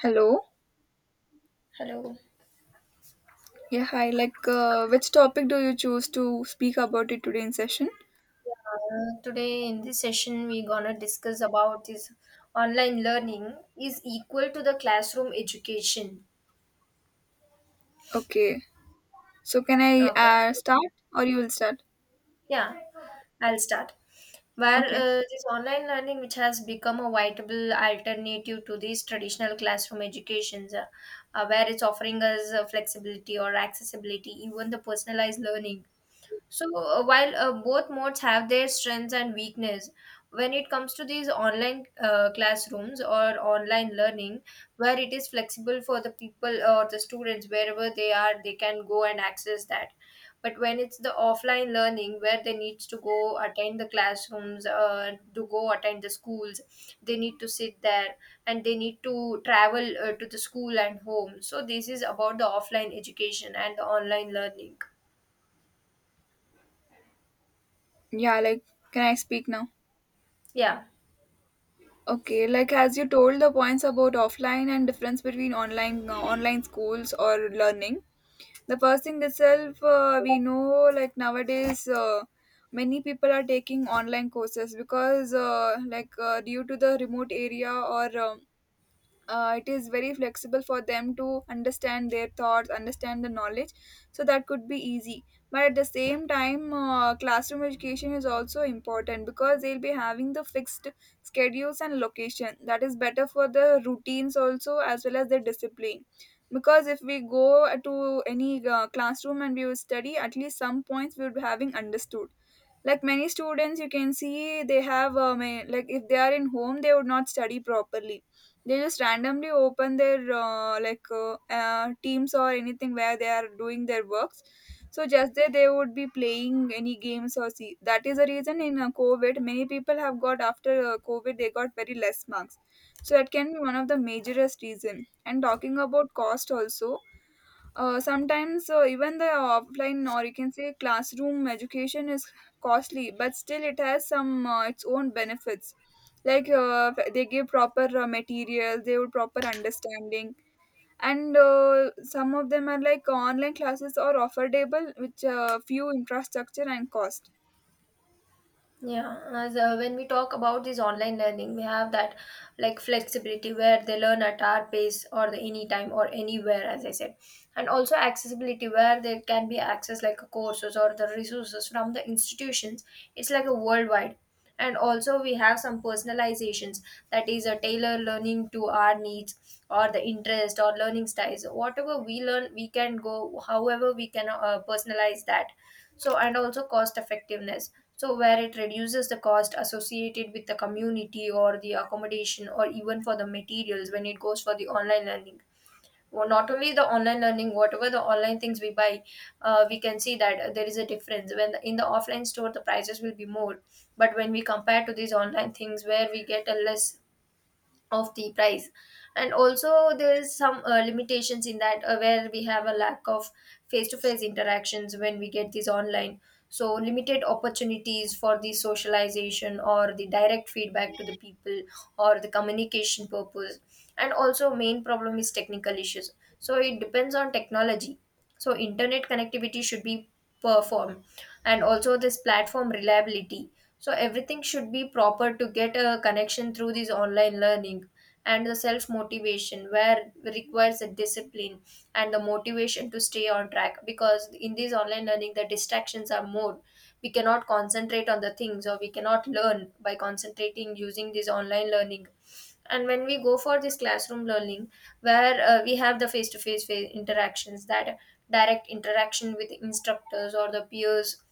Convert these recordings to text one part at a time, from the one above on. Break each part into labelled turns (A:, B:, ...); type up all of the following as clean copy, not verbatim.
A: Hello.
B: Hello.
A: Yeah, hi. Which topic do you choose to speak about it today in session?
B: Today in this session we're gonna discuss about this online learning is equal to the classroom education.
A: Okay. So, can I
B: Okay.
A: start or you will start?
B: Yeah, I'll start. Where
A: Okay.
B: this online learning, which has become a viable alternative to these traditional classroom educations, where it's offering us flexibility or accessibility, even the personalized learning. So while both modes have their strengths and weakness, when it comes to these online classrooms or online learning, where it is flexible for the people or the students wherever they are, they can go and access that. But when it's the offline learning where they need to go attend the classrooms, to go attend the schools, they need to sit there and they need to travel to the school and home. So this is about the offline education and the online learning.
A: Yeah, can I speak now?
B: Yeah.
A: Okay. Like, as you told the points about offline and difference between online online schools or learning, the first thing itself we know like nowadays many people are taking online courses because due to the remote area or it is very flexible for them to understand their thoughts, understand the knowledge, so that could be easy. But at the same time, classroom education is also important because they'll be having the fixed schedules and location, that is better for the routines also as well as their discipline. Because if we go to any classroom and we will study at least some points, we would be having understood. Like many students, you can see, they have like if they are in home they would not study properly, they just randomly open their teams or anything where they are doing their works, so just there they would be playing any games or see. That is the reason in COVID many people have got, after COVID they got very less marks. So that can be one of the majorest reason. And talking about cost also, sometimes even the offline, or you can say classroom education, is costly, but still it has some its own benefits. Like they give proper material, they would proper understanding, and some of them are like online classes are affordable, which few infrastructure and cost.
B: Yeah, as when we talk about this online learning, we have that like flexibility where they learn at our pace or the anytime or anywhere, as I said, and also accessibility where they can be accessed like courses or the resources from the institutions. It's like a worldwide, and also we have some personalizations that is a tailor learning to our needs or the interest or learning styles. Whatever we learn, we can go however we can personalize that, so and also cost effectiveness, so where it reduces the cost associated with the community or the accommodation or even for the materials when it goes for the online learning. Well, not only the online learning, whatever the online things we buy, we can see that there is a difference when in the offline store the prices will be more, but when we compare to these online things where we get a less of the price. And also there is some limitations in that where we have a lack of face-to-face interactions when we get these online, so limited opportunities for the socialization or the direct feedback to the people or the communication purpose. And also main problem is technical issues, so it depends on technology, so internet connectivity should be performed, and also this platform reliability, so everything should be proper to get a connection through this online learning. And the self motivation where requires a discipline and the motivation to stay on track, because in this online learning the distractions are more, we cannot concentrate on the things or we cannot learn by concentrating using this online learning. And when we go for this classroom learning, where we have the face to face interactions, that direct interaction with instructors or the peers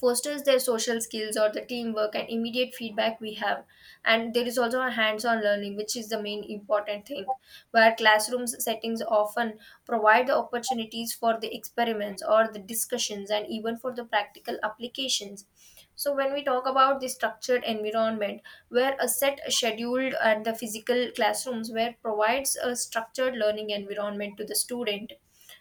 B: fosters their social skills or the teamwork, and immediate feedback we have. And there is also a hands-on learning, which is the main important thing, where classrooms settings often provide the opportunities for the experiments or the discussions and even for the practical applications. So when we talk about the structured environment, where a set scheduled and the physical classrooms where provides a structured learning environment to the student.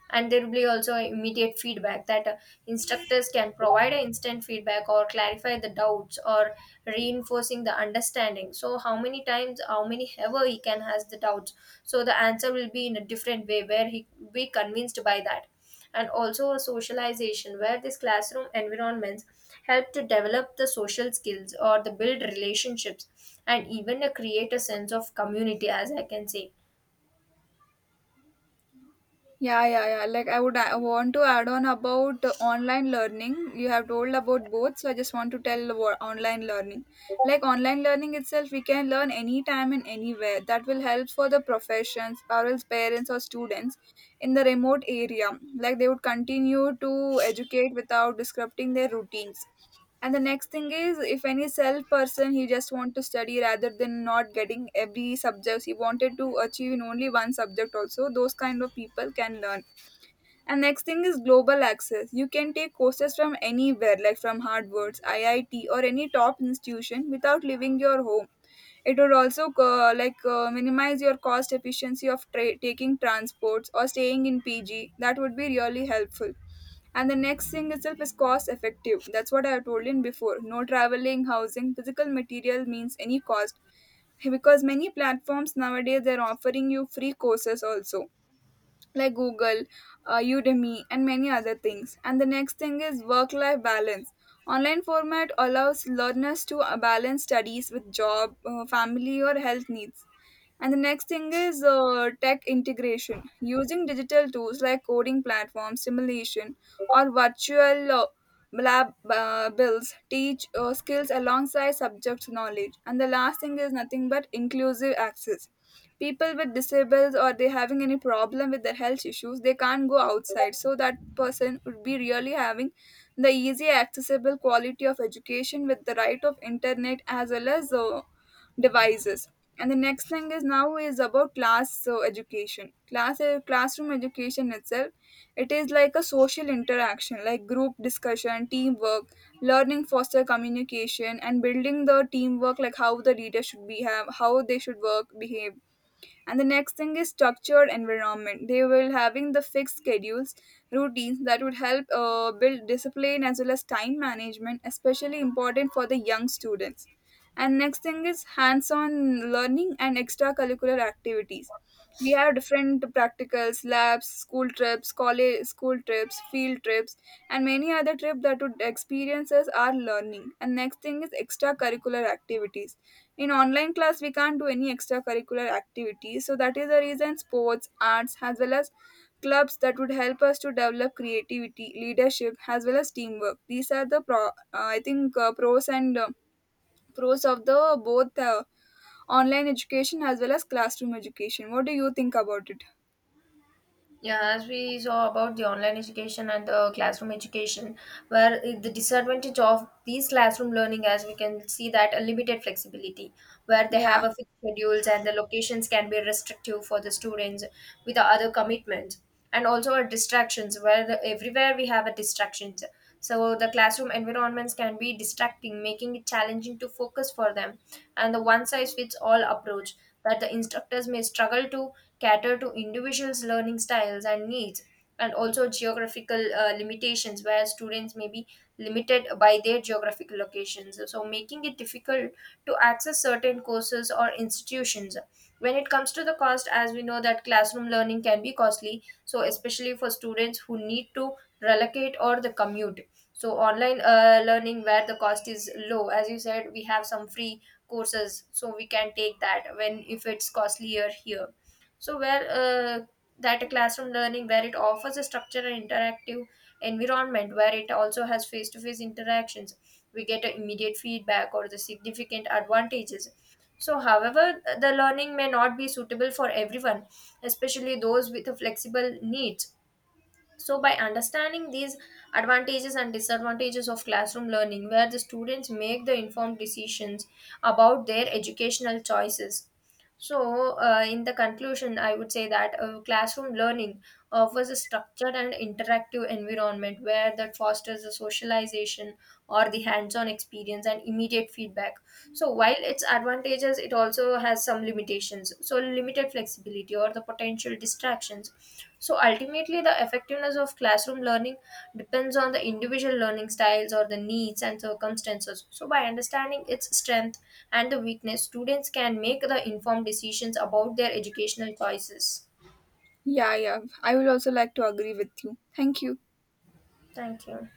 B: And there will be also immediate feedback that instructors can provide an instant feedback or clarify the doubts or reinforcing the understanding, so how many times how many ever he can has the doubts, so the answer will be in a different way where he will be convinced by that. And also a socialization where this classroom environments help to develop the social skills or the build relationships and even create a sense of community, as I can say.
A: Yeah, yeah, yeah. Like, I want to add on about online learning. You have told about both, so I just want to tell about online learning. Like online learning itself, we can learn anytime and anywhere. That will help for the professions or else parents or students in the remote area. Like they would continue to educate without disrupting their routines. And the next thing is, if any self person he just want to study rather than not getting every subjects, he wanted to achieve in only one subject also, those kind of people can learn. And next thing is global access. You can take courses from anywhere, like from Harvard's, IIT, or any top institution without leaving your home. It would also minimize your cost efficiency of taking transports or staying in PG. That would be really helpful. And the next thing itself is cost effective. That's what I have told in before. No traveling, housing, physical material means any cost, because many platforms nowadays they're offering you free courses also, like Google, Udemy, and many other things. And the next thing is work life balance. Online format allows learners to balance studies with job, family, or health needs. And the next thing is tech integration. Using digital tools like coding platforms, simulation, or virtual lab builds teach skills alongside subject knowledge. And the last thing is nothing but inclusive access. People with disables, or they having any problem with their health issues, they can't go outside. So that person would be really having the easy, accessible quality of education with the right of internet as well as devices. And the next thing is now is about class, so education class, classroom education itself, it is like a social interaction, like group discussion, teamwork, learning foster communication and building the teamwork, like how the leader should be have, how they should work, behave. And the next thing is structured environment, they will having the fixed schedules, routines, that would help build discipline as well as time management, especially important for the young students. And next thing is hands on learning and extracurricular activities. We have different practicals, labs, school trips, college school trips, field trips, and many other trips, that would experiences are learning. And next thing is extracurricular activities. In online class we can't do any extracurricular activities, so that is the reason sports, arts, as well as clubs, that would help us to develop creativity, leadership, as well as teamwork. These are the pro I think pros and pros of the both, online education as well as classroom education. What do you think about it?
B: Yeah, as we saw about the online education and the classroom education, where the disadvantage of these classroom learning, as we can see, that a limited flexibility, where they
A: Yeah,
B: have a fixed schedules and the locations can be restrictive for the students with the other commitments. And also our distractions, where everywhere we have a distractions, so the classroom environments can be distracting, making it challenging to focus for them. And the one size fits all approach, that the instructors may struggle to cater to individuals learning styles and needs. And also geographical limitations, where students may be limited by their geographic locations, so making it difficult to access certain courses or institutions. When it comes to the cost, as we know that classroom learning can be costly, so especially for students who need to relocate or the commute. So online learning where the cost is low, as you said we have some free courses, so we can take that when if it's costlier here. So where that a classroom learning where it offers a structure and interactive environment where it also has face-to-face interactions, we get a immediate feedback or the significant advantages. So, however, the learning may not be suitable for everyone, especially those with a flexible needs. So, by understanding these advantages and disadvantages of classroom learning, where the students make the informed decisions about their educational choices. So, in the conclusion, I would say that classroom learning offers a structured and interactive environment where that fosters the socialization or the hands on experience and immediate feedback. So, while its advantages, it also has some limitations. So, limited flexibility or the potential distractions, so ultimately, the effectiveness of classroom learning depends on the individual learning styles or the needs and circumstances. So, by understanding its strength and the weakness, students can make the informed decisions about their educational choices.
A: yeah, yeah, I will also like to agree with you. Thank you.
B: Thank you.